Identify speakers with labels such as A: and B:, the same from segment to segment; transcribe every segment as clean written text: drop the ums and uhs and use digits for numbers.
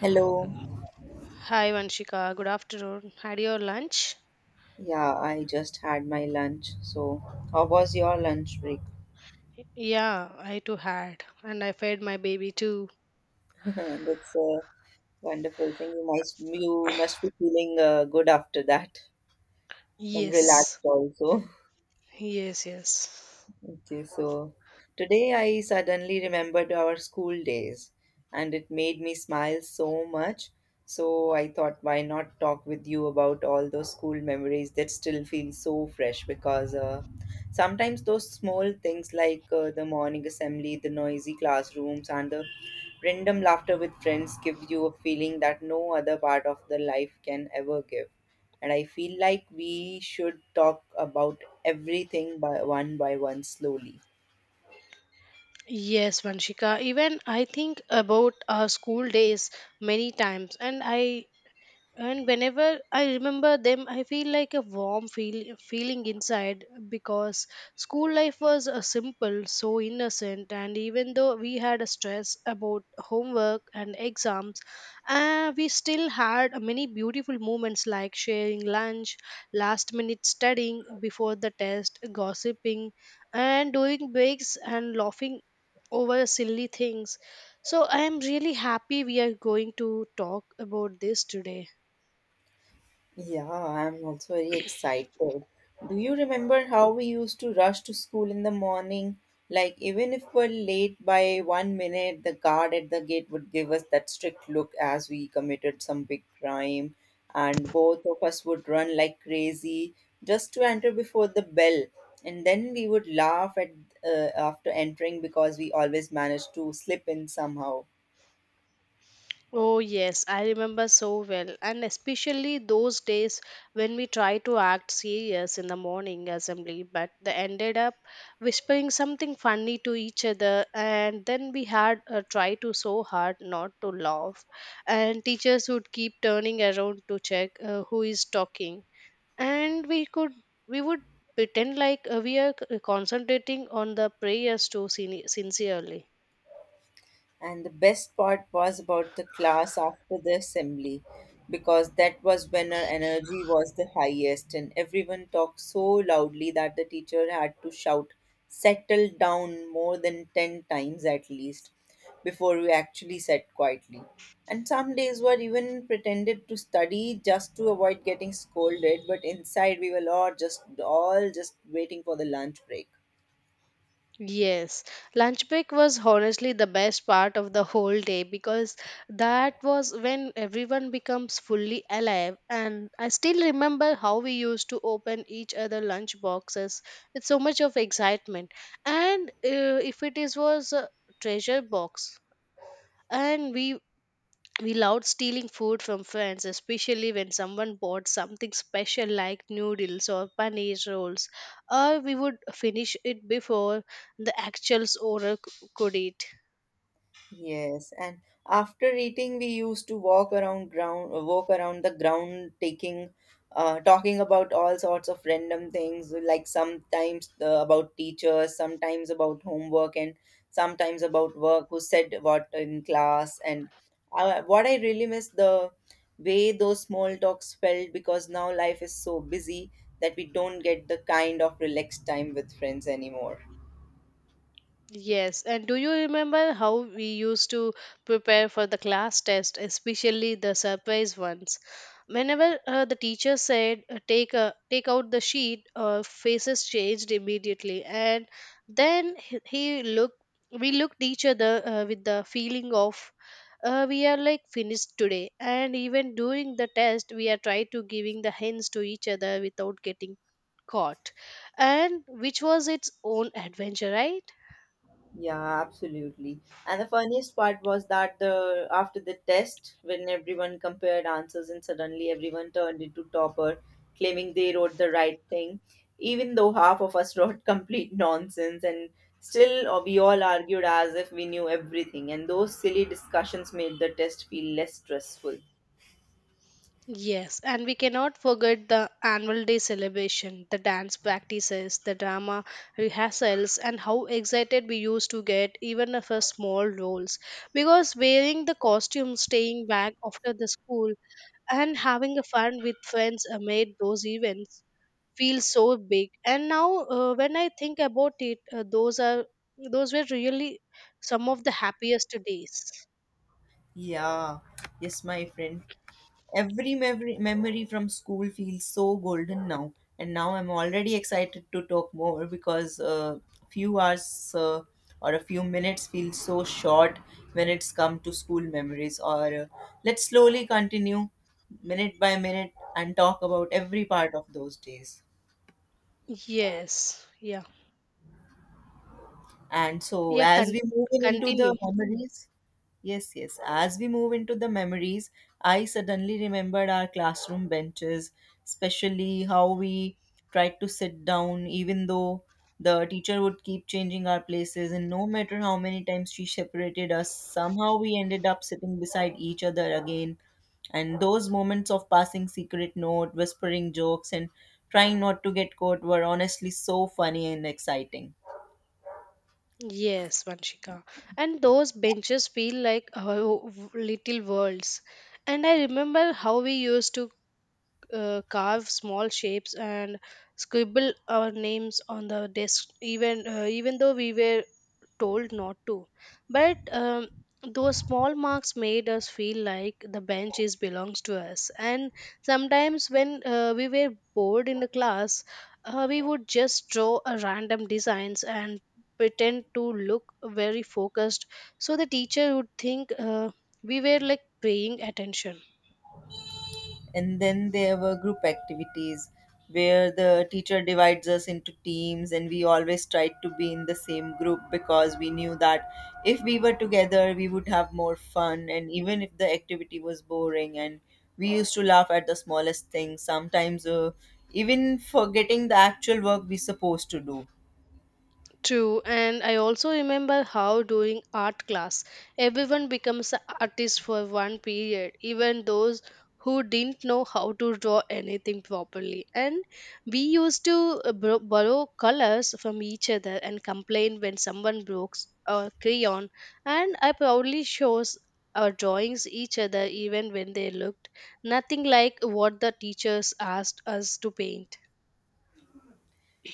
A: Hello.
B: Hi Vanshika, good afternoon. Had your lunch?
A: Yeah, I just had my lunch. So, how was your lunch break?
B: Yeah, I too had. And I fed my baby too.
A: That's a wonderful thing. You must be feeling good after that and
B: Yes,
A: relaxed also.
B: yes, yes.
A: Okay, so today I suddenly remembered our school days and it made me smile so much. So I thought, why not talk with you about all those school memories that still feel so fresh because sometimes those small things like the morning assembly, the noisy classrooms, and the random laughter with friends give you a feeling that no other part of the life can ever give, and I feel like we should talk about everything by one slowly.
B: Yes, Vanshika. Even I think about our school days many times, and whenever I remember them I feel like a warm feeling inside because school life was simple so innocent and even though we had a stress about homework and exams, we still had many beautiful moments like sharing lunch, last minute studying before the test, gossiping, and doing breaks and laughing over silly things. So I am really happy we are going to talk about this today.
A: Yeah, I'm also very excited. Do you remember how we used to rush to school in the morning? Like, even if we're late by 1 minute, the guard at the gate would give us that strict look as we committed some big crime, and both of us would run like crazy just to enter before the bell. And then we would laugh at, after entering, because we always managed to slip in somehow.
B: Oh, yes, I remember so well, and especially those days when we tried to act serious in the morning assembly, but they ended up whispering something funny to each other, and then we had try to so hard not to laugh, and teachers would keep turning around to check who is talking, and we would pretend like we are concentrating on the prayers too sincerely.
A: And the best part was about the class after the assembly, because that was when our energy was the highest, and everyone talked so loudly that the teacher had to shout, settle down more than 10 times at least, before we actually sat quietly. And some days were even pretended to study just to avoid getting scolded, but inside we were all just waiting for the lunch break.
B: Yes, lunch break was honestly the best part of the whole day because that was when everyone becomes fully alive. And I still remember how we used to open each other lunch boxes with so much of excitement. And if it is was a treasure box, and we loved stealing food from friends, especially when someone bought something special like noodles or paneer rolls, or we would finish it before the actual owner could eat.
A: Yes, and after eating, we used to walk around the ground, talking about all sorts of random things, like sometimes about teachers, sometimes about homework, and sometimes about work, who said what in class. And what I really miss the way those small talks felt, because now life is so busy that we don't get the kind of relaxed time with friends anymore.
B: Yes, and do you remember how we used to prepare for the class test, especially the surprise ones? Whenever the teacher said take take out the sheet, faces changed immediately, and then he looked. We looked each other with the feeling of we are like finished today. And even during the test, we are trying to giving the hints to each other without getting caught, and which was its own adventure, right?
A: Yeah, absolutely. And the funniest part was that the after the test, when everyone compared answers and suddenly everyone turned into topper, claiming they wrote the right thing, even though half of us wrote complete nonsense, and still we all argued as if we knew everything. And those silly discussions made the test feel less stressful.
B: Yes, and we cannot forget the annual day celebration, the dance practices, the drama rehearsals, and how excited we used to get even if for small roles. Because wearing the costume, staying back after the school, and having a fun with friends made those events feel so big. And now, when I think about it, those were really some of the happiest days.
A: Yeah, yes, my friend. Every memory from school feels so golden now, and now I'm already excited to talk more because few hours or a few minutes feel so short when it's come to school memories. Or let's slowly continue minute by minute and talk about every part of those days.
B: Yes, yeah,
A: And so,
B: yeah.
A: as we move in into the
B: Continue.
A: memories, Yes, yes, as we move into the memories, I suddenly remembered our classroom benches, especially how we tried to sit down, even though the teacher would keep changing our places, and no matter how many times she separated us, somehow we ended up sitting beside each other again. And those moments of passing secret note, whispering jokes, and trying not to get caught were honestly so funny and exciting.
B: Yes, Vanshika. And those benches feel like our little worlds. And I remember how we used to carve small shapes and scribble our names on the desk even though we were told not to but those small marks made us feel like the bench is belongs to us. And sometimes when we were bored in the class, we would just draw a random designs and pretend to look very focused so the teacher would think we were like paying attention.
A: And then there were group activities where the teacher divides us into teams, and we always tried to be in the same group because we knew that if we were together, we would have more fun. And even if the activity was boring, and we used to laugh at the smallest things, sometimes even forgetting the actual work we supposed to do.
B: True, and I also remember how during art class, everyone becomes an artist for one period, even those who didn't know how to draw anything properly. And we used to borrow colors from each other and complain when someone broke a crayon. And I proudly shows our drawings each other even when they looked nothing like what the teachers asked us to paint.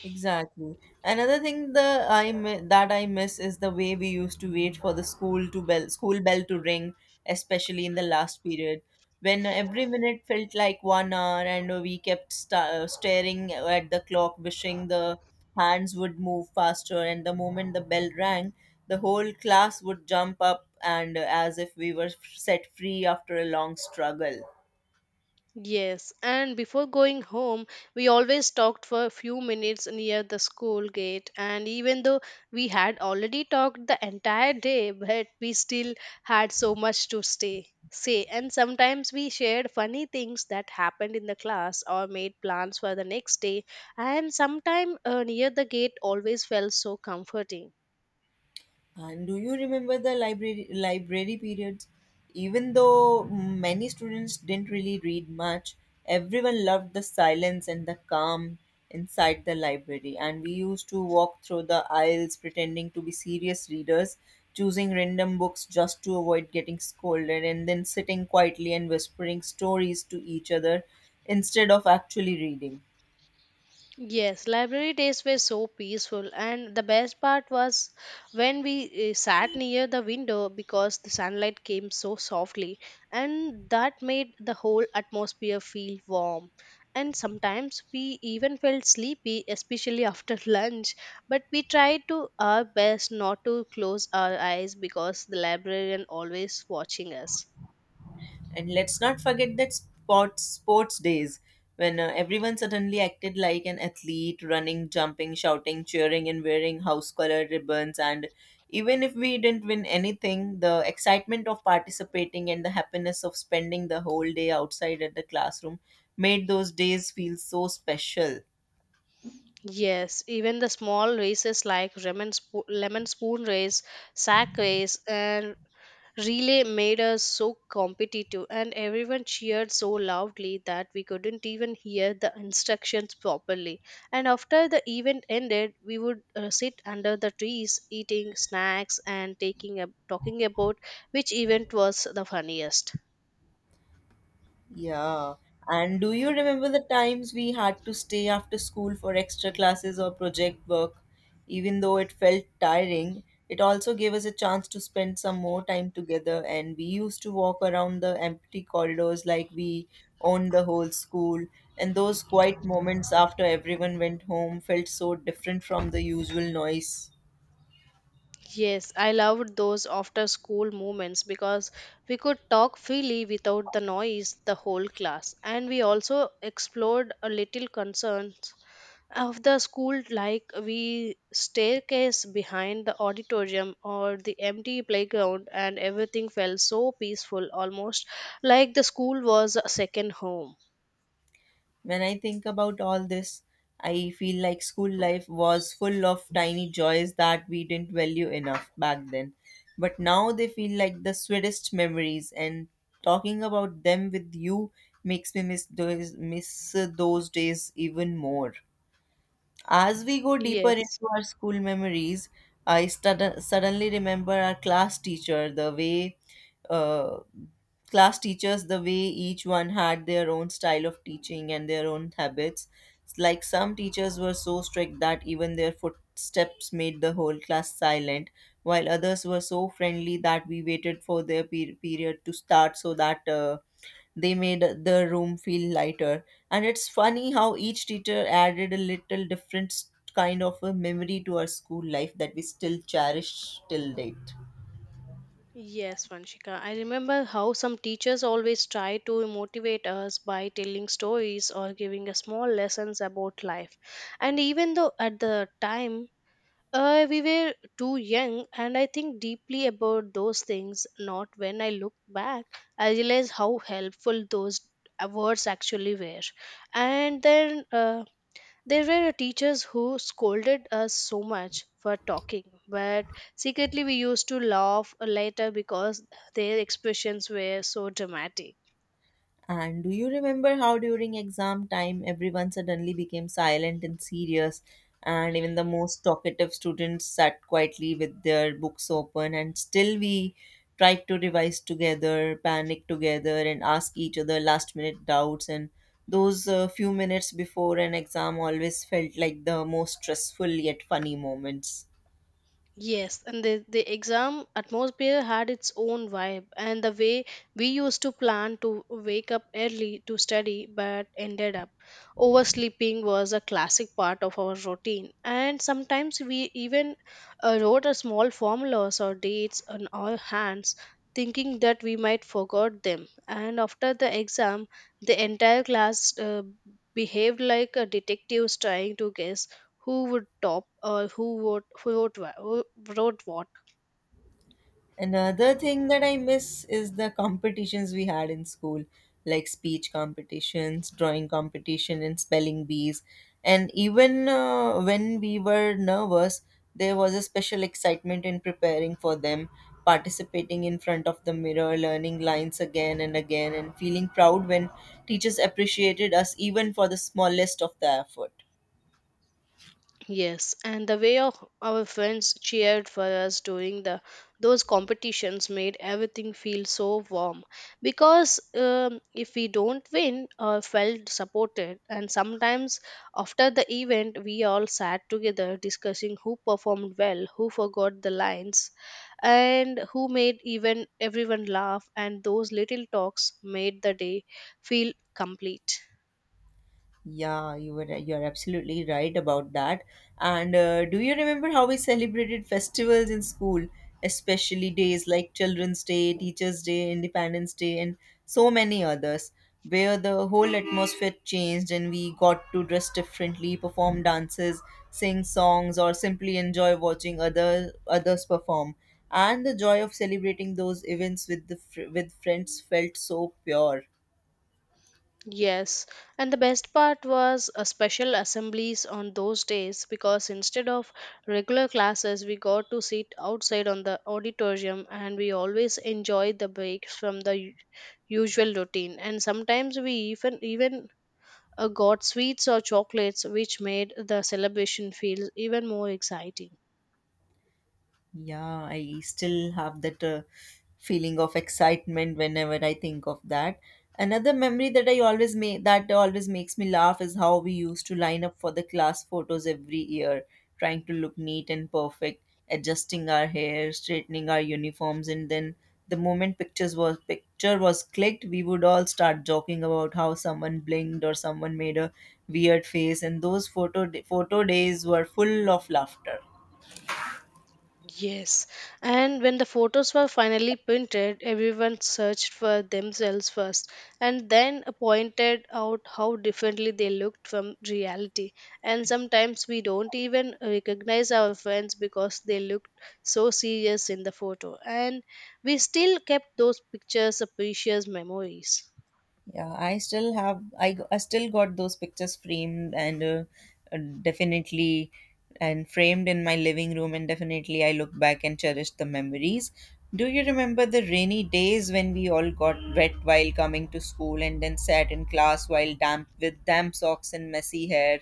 A: Exactly. Another thing that I miss is the way we used to wait for the school bell to ring, especially in the last period, when every minute felt like 1 hour, and we kept staring at the clock, wishing the hands would move faster. And the moment the bell rang, the whole class would jump up and as if we were set free after a long struggle.
B: Yes, and before going home, we always talked for a few minutes near the school gate. And even though we had already talked the entire day, but we still had so much to say. And sometimes we shared funny things that happened in the class or made plans for the next day. And sometime near the gate always felt so comforting.
A: And do you remember the library periods? Even though many students didn't really read much, everyone loved the silence and the calm inside the library. And we used to walk through the aisles pretending to be serious readers, choosing random books just to avoid getting scolded, and then sitting quietly and whispering stories to each other instead of actually reading.
B: Yes, library days were so peaceful, and the best part was when we sat near the window because the sunlight came so softly, and that made the whole atmosphere feel warm. And sometimes we even felt sleepy, especially after lunch, but we tried to our best not to close our eyes because the librarian always watching us.
A: And let's not forget that sports days when everyone suddenly acted like an athlete, running, jumping, shouting, cheering, and wearing house color ribbons. And even if we didn't win anything, the excitement of participating and the happiness of spending the whole day outside at the classroom made those days feel so special.
B: Yes, even the small races like lemon spoon race, sack race, and relay made us so competitive, and everyone cheered so loudly that we couldn't even hear the instructions properly. And after the event ended, we would sit under the trees, eating snacks and talking about which event was the funniest.
A: Yeah. And do you remember the times we had to stay after school for extra classes or project work? Even though it felt tiring, it also gave us a chance to spend some more time together. And we used to walk around the empty corridors like we owned the whole school. And those quiet moments after everyone went home felt so different from the usual noise.
B: Yes, I loved those after school moments because we could talk freely without the noise, the whole class. And we also explored a little concerns of the school, like we staircase behind the auditorium or the empty playground, and everything felt so peaceful, almost like the school was a second home.
A: When I think about all this, I feel like school life was full of tiny joys that we didn't value enough back then. But now they feel like the sweetest memories, and talking about them with you makes me miss those days even more. As we go deeper
B: Yes.
A: into our school memories, I suddenly remember our class teacher, the way uh, class teachers the way each one had their own style of teaching and their own habits. It's like some teachers were so strict that even their footsteps made the whole class silent, while others were so friendly that we waited for their period to start, so that they made the room feel lighter. And it's funny how each teacher added a little different kind of a memory to our school life that we still cherish till date.
B: Yes, Vanshika. I remember how some teachers always try to motivate us by telling stories or giving us small lessons about life. And even though at the time, we were too young, and I think deeply about those things, not when I look back, I realize how helpful those words actually were. And then there were teachers who scolded us so much for talking, but secretly we used to laugh later because their expressions were so dramatic.
A: And do you remember how during exam time everyone suddenly became silent and serious, and even the most talkative students sat quietly with their books open, and still we tried to revise together, panic together, and ask each other last minute doubts. And those few minutes before an exam always felt like the most stressful yet funny moments.
B: Yes, and the exam atmosphere had its own vibe, and the way we used to plan to wake up early to study but ended up oversleeping was a classic part of our routine. And sometimes we even wrote a small formulas or dates on our hands, thinking that we might forgot them. And after the exam, the entire class behaved like detectives trying to guess who would top or who wrote what.
A: Another thing that I miss is the competitions we had in school, like speech competitions, drawing competition, and spelling bees. And even when we were nervous, there was a special excitement in preparing for them, participating in front of the mirror, learning lines again and again, and feeling proud when teachers appreciated us even for the smallest of the effort.
B: Yes, and the way of our friends cheered for us during the those competitions made everything feel so warm because if we don't win or felt supported. And sometimes after the event we all sat together discussing who performed well, who forgot the lines, and who made even everyone laugh, and those little talks made the day feel complete.
A: Yeah, you are absolutely right about that. And do you remember how we celebrated festivals in school, especially days like Children's Day, Teachers' Day, Independence Day, and so many others, where the whole atmosphere changed and we got to dress differently, perform dances, sing songs, or simply enjoy watching other others perform. And the joy of celebrating those events with the with friends felt so pure.
B: Yes, and the best part was special assemblies on those days because instead of regular classes, we got to sit outside on the auditorium and we always enjoyed the breaks from the usual routine. And sometimes we even got sweets or chocolates, which made the celebration feel even more exciting.
A: Yeah, I still have that feeling of excitement whenever I think of that. Another memory that I always make that always makes me laugh is how we used to line up for the class photos every year, trying to look neat and perfect, adjusting our hair, straightening our uniforms, and then the moment picture was clicked, we would all start joking about how someone blinked or someone made a weird face, and those photo days were full of laughter.
B: Yes, and when the photos were finally printed, everyone searched for themselves first and then pointed out how differently they looked from reality. And sometimes we don't even recognize our friends because they looked so serious in the photo, and we still kept those pictures as precious memories.
A: Yeah, I still have I, g- I still got those pictures framed and uh, definitely and framed in my living room, and definitely I look back and cherish the memories. Do you remember the rainy days when we all got wet while coming to school and then sat in class while damp with damp socks and messy hair,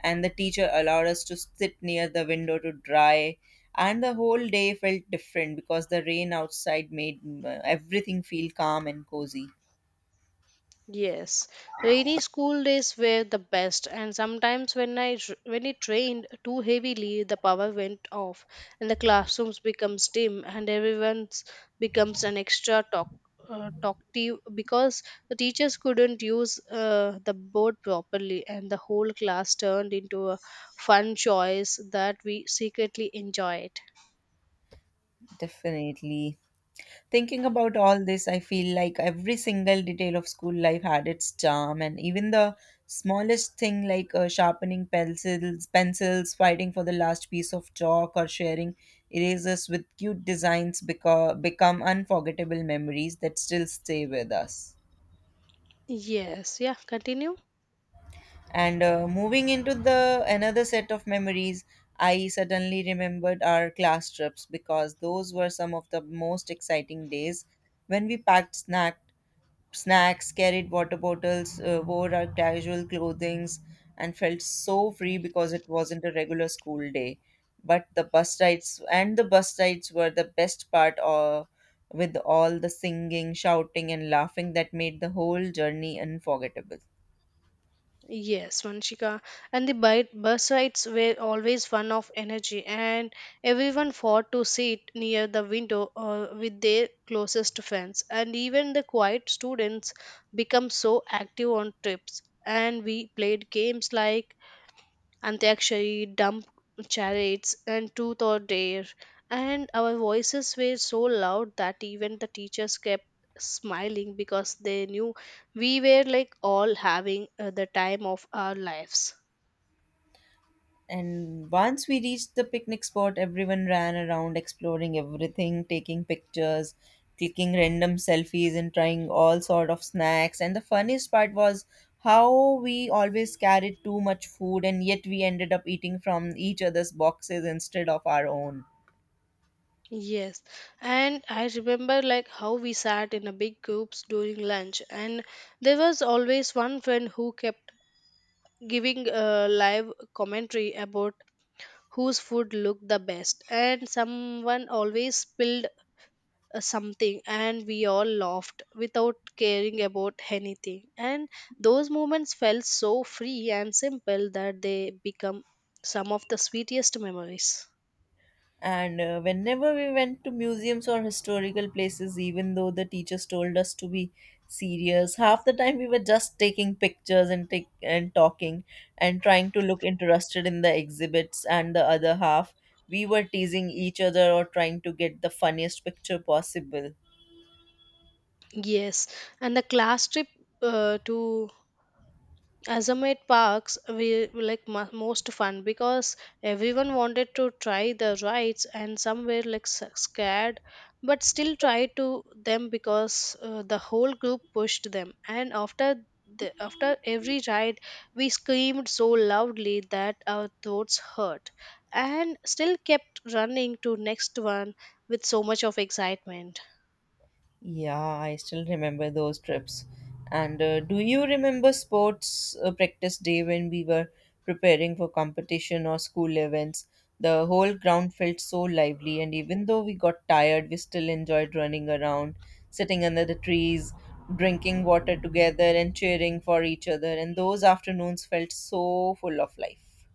A: and the teacher allowed us to sit near the window to dry, and the whole day felt different because the rain outside made everything feel calm and cozy.
B: Yes, rainy school days were the best, and sometimes when when it rained too heavily, the power went off, and the classrooms becomes dim, and everyone's becomes an extra talkative because the teachers couldn't use the board properly, and the whole class turned into a fun choice that we secretly enjoyed.
A: Definitely. Thinking about all this, I feel like every single detail of school life had its charm, and even the smallest thing like sharpening pencils, fighting for the last piece of chalk, or sharing erasers with cute designs become unforgettable memories that still stay with us.
B: Yes, yeah, continue.
A: And moving into the another set of memories, I suddenly remembered our class trips because those were some of the most exciting days when we packed snacks, carried water bottles, wore our casual clothings, and felt so free because it wasn't a regular school day. But the bus rides were the best part of, with all the singing, shouting, and laughing that made the whole journey unforgettable.
B: Yes, Vanshika. And bus rides were always one of energy, and everyone fought to sit near the window with their closest friends. And even the quiet students become so active on trips. And we played games like Antakshari, dump chariots, and truth or dare. And our voices were so loud that even the teachers kept smiling because they knew we were like all having the time of our lives.
A: And once we reached the picnic spot, everyone ran around exploring everything, taking pictures, clicking random selfies, and trying all sort of snacks. And the funniest part was how we always carried too much food, and yet we ended up eating from each other's boxes instead of our own.
B: Yes, and I remember like how we sat in a big groups during lunch, and there was always one friend who kept giving a live commentary about whose food looked the best, and someone always spilled something. And we all laughed without caring about anything, and those moments felt so free and simple that they become some of the sweetest memories.
A: And whenever we went to museums or historical places, even though the teachers told us to be serious, half the time we were just taking pictures and take and talking and trying to look interested in the exhibits. And the other half, we were teasing each other or trying to get the funniest picture possible.
B: Yes, and the class trip to Azamate parks we were like most fun because everyone wanted to try the rides and some were like scared, but still tried to them because the whole group pushed them. And after every ride we screamed so loudly that our throats hurt and still kept running to next one with so much of excitement.
A: Yeah, I still remember those trips. And do you remember sports practice day when we were preparing for competition or school events? The whole ground felt so lively, and even though we got tired, we still enjoyed running around, sitting under the trees, drinking water together, and cheering for each other. And those afternoons felt so full of life.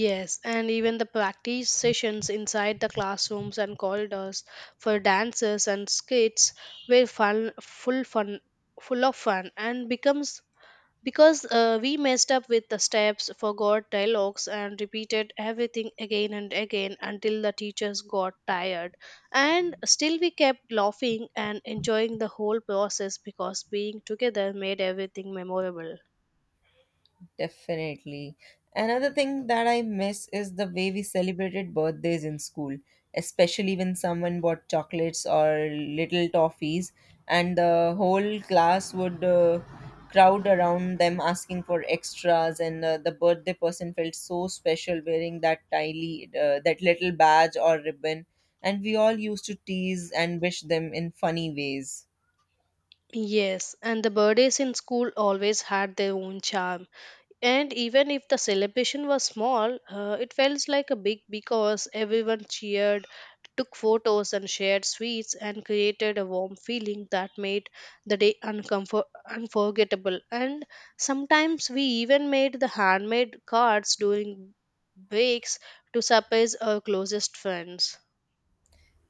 B: Yes, and even the practice sessions inside the classrooms and corridors for dances and skits were full of fun, and becomes because we messed up with the steps, forgot dialogues, and repeated everything again and again until the teachers got tired. And still, we kept laughing and enjoying the whole process because being together made everything memorable.
A: Definitely. Another thing that I miss is the way we celebrated birthdays in school, especially when someone bought chocolates or little toffees, and the whole class would crowd around them asking for extras, and the birthday person felt so special wearing that tiny, that little badge or ribbon, and we all used to tease and wish them in funny ways.
B: Yes, and the birthdays in school always had their own charm. And even if the celebration was small, it felt like a big because everyone cheered, took photos, and shared sweets, and created a warm feeling that made the day unforgettable. And sometimes we even made the handmade cards during breaks to surprise our closest friends.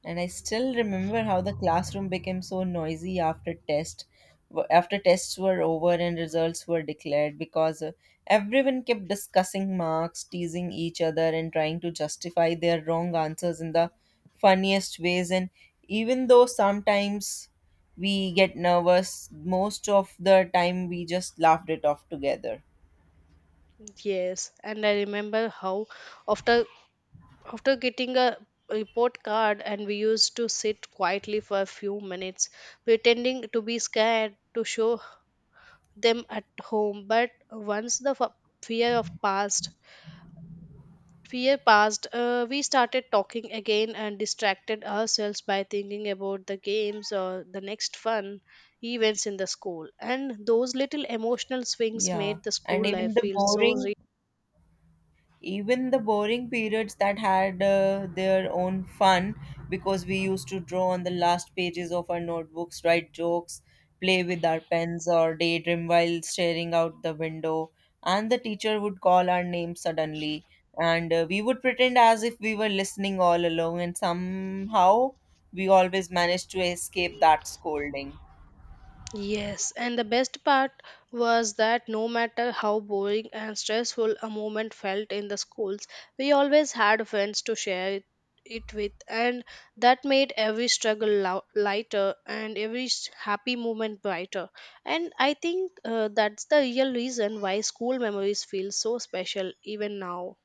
A: And I still remember how the classroom became so noisy after tests were over and results were declared because everyone kept discussing marks, teasing each other and trying to justify their wrong answers in the funniest ways, and even though sometimes we get nervous, most of the time we just laughed it off together.
B: Yes, and I remember how after after getting a report card, and we used to sit quietly for a few minutes, pretending to be scared to show them at home. But once the fear of fear passed, we started talking again and distracted ourselves by thinking about the games or the next fun events in the school. And those little emotional swings
A: Yeah.
B: made the
A: And
B: school life feel so.
A: even the boring periods that had their own fun, because we used to draw on the last pages of our notebooks, write jokes, play with our pens, or daydream while staring out the window, and the teacher would call our name suddenly, and we would pretend as if we were listening all along, and somehow we always managed to escape that scolding.
B: Yes, and the best part was that no matter how boring and stressful a moment felt in the schools, we always had friends to share it with, and that made every struggle lighter and every happy moment brighter. And I think that's the real reason why school memories feel so special even now.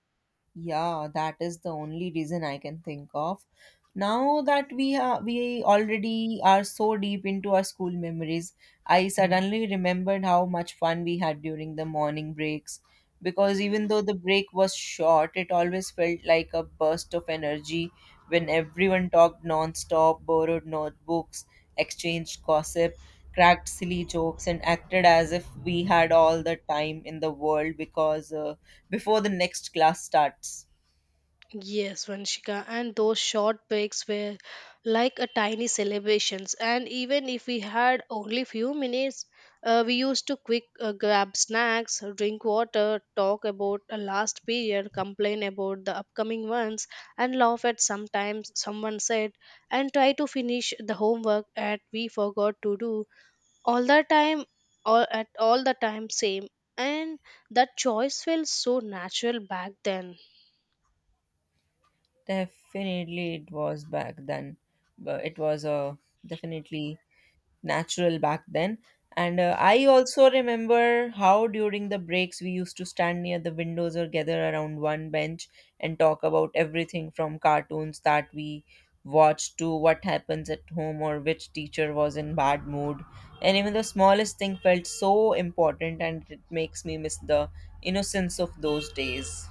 A: Yeah, that is the only reason I can think of. Now that we already are so deep into our school memories, I suddenly remembered how much fun we had during the morning breaks. Because even though the break was short, it always felt like a burst of energy when everyone talked non-stop, borrowed notebooks, exchanged gossip, cracked silly jokes, and acted as if we had all the time in the world, because before the next class starts.
B: Yes, Vanshika, and those short breaks were like a tiny celebrations. And even if we had only few minutes, we used to quick grab snacks, drink water, talk about a last period, complain about the upcoming ones, and laugh at sometimes someone said, and try to finish the homework that we forgot to do. All the time, all the time, same. And that choice felt so natural back then.
A: Definitely, it was back then. But it was definitely natural back then. And I also remember how during the breaks we used to stand near the windows or gather around one bench and talk about everything, from cartoons that we watched to what happens at home or which teacher was in bad mood. And even the smallest thing felt so important, and it makes me miss the innocence of those days.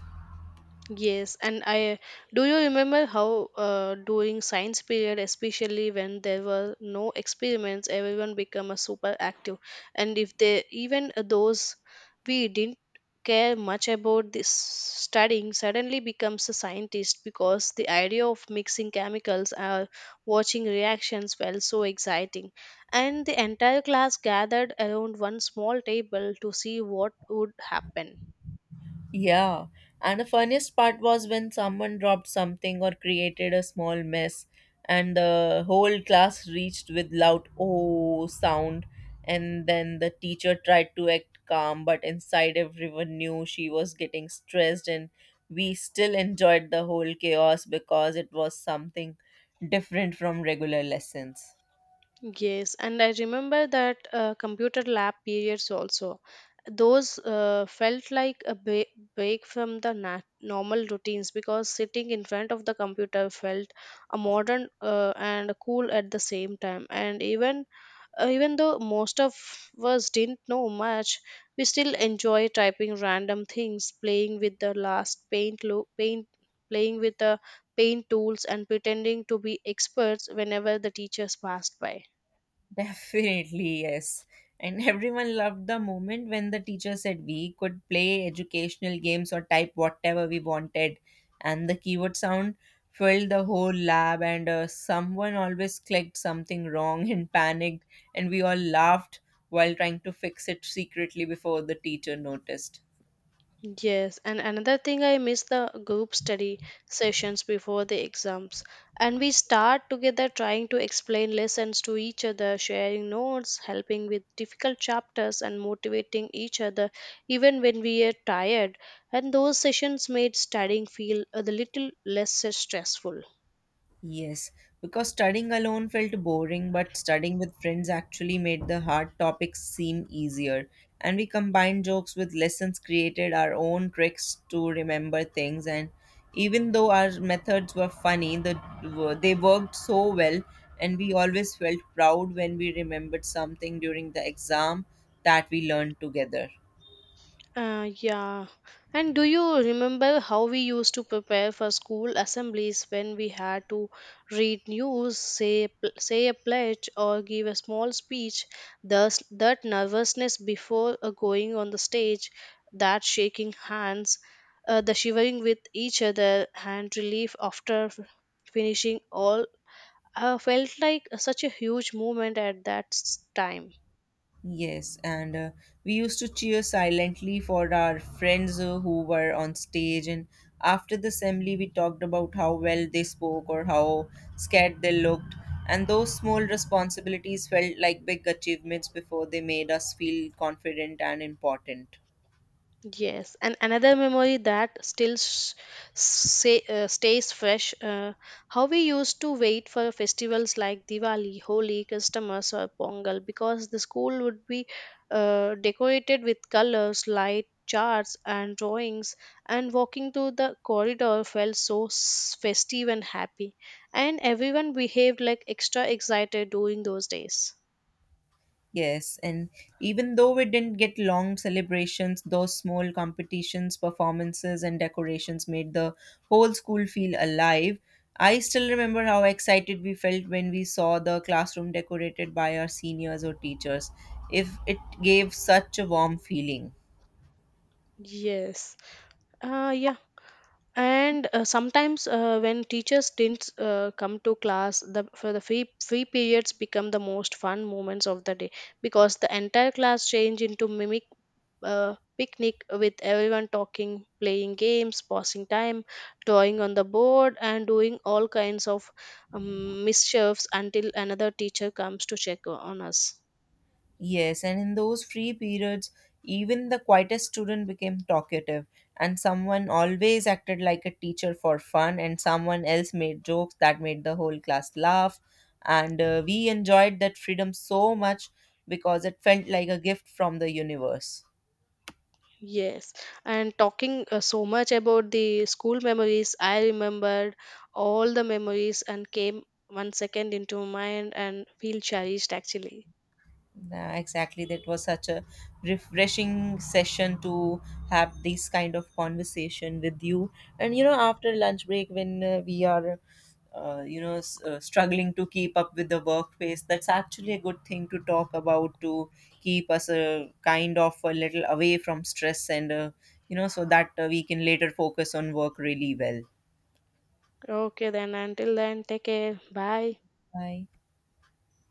B: Yes, and I do you remember how during science period, especially when there were no experiments, everyone became a super active, and if they even those we didn't care much about this studying suddenly becomes a scientist because the idea of mixing chemicals or watching reactions felt so exciting, and the entire class gathered around one small table to see what would happen.
A: Yeah, and the funniest part was when someone dropped something or created a small mess, and the whole class reached with loud oh sound, and then the teacher tried to act calm, but inside everyone knew she was getting stressed, and we still enjoyed the whole chaos because it was something different from regular lessons.
B: Yes, and I remember that computer lab periods also. Those felt like a break from the normal routines because sitting in front of the computer felt a modern and cool at the same time. And even though most of us didn't know much, we still enjoy typing random things, playing with the paint tools and pretending to be experts whenever the teachers passed by.
A: Definitely, yes. And everyone loved the moment when the teacher said we could play educational games or type whatever we wanted. And the keyboard sound filled the whole lab, and someone always clicked something wrong and panicked. And we all laughed while trying to fix it secretly before the teacher noticed.
B: Yes, and another thing I miss the group study sessions before the exams. And we start together trying to explain lessons to each other, sharing notes, helping with difficult chapters, and motivating each other even when we are tired. And those sessions made studying feel a little less stressful.
A: Yes, because studying alone felt boring, but studying with friends actually made the hard topics seem easier. And we combined jokes with lessons, created our own tricks to remember things. And even though our methods were funny, they worked so well, and we always felt proud when we remembered something during the exam that we learned together.
B: Yeah. And do you remember how we used to prepare for school assemblies when we had to read news, say a pledge, or give a small speech? Thus, that nervousness before going on the stage, that shaking hands, the shivering with each other, and relief after finishing all, felt like such a huge moment at that time.
A: Yes, and we used to cheer silently for our friends who were on stage. And after the assembly, we talked about how well they spoke or how scared they looked. And those small responsibilities felt like big achievements before they made us feel confident and important.
B: Yes, and another memory that still s say, stays fresh, how we used to wait for festivals like Diwali, Holi, Christmas, or Pongal because the school would be decorated with colors, light charts, and drawings, and walking through the corridor felt so festive and happy, and everyone behaved like extra excited during those days.
A: Yes, and even though we didn't get long celebrations, those small competitions, performances, and decorations made the whole school feel alive. I still remember how excited we felt when we saw the classroom decorated by our seniors or teachers. If it gave such a warm feeling.
B: Yes. Yeah. And sometimes when teachers didn't come to class the for the free periods become the most fun moments of the day because the entire class change into mimic picnic with everyone talking, playing games, passing time, drawing on the board, and doing all kinds of mischiefs until another teacher comes to check on us.
A: Yes, and in those free periods, even the quietest student became talkative, and someone always acted like a teacher for fun, and someone else made jokes that made the whole class laugh. And we enjoyed that freedom so much because it felt like a gift from the universe.
B: Yes, and talking so much about the school memories, I remembered all the memories and came 1 second into mind and feel cherished actually.
A: Yeah, exactly. That was such a refreshing session to have this kind of conversation with you. And you know, after lunch break, when we are, you know, s- struggling to keep up with the workplace, that's actually a good thing to talk about, to keep us a kind of a little away from stress, and so that we can later focus on work really well.
B: Okay, then until then, take care. Bye.
A: Bye.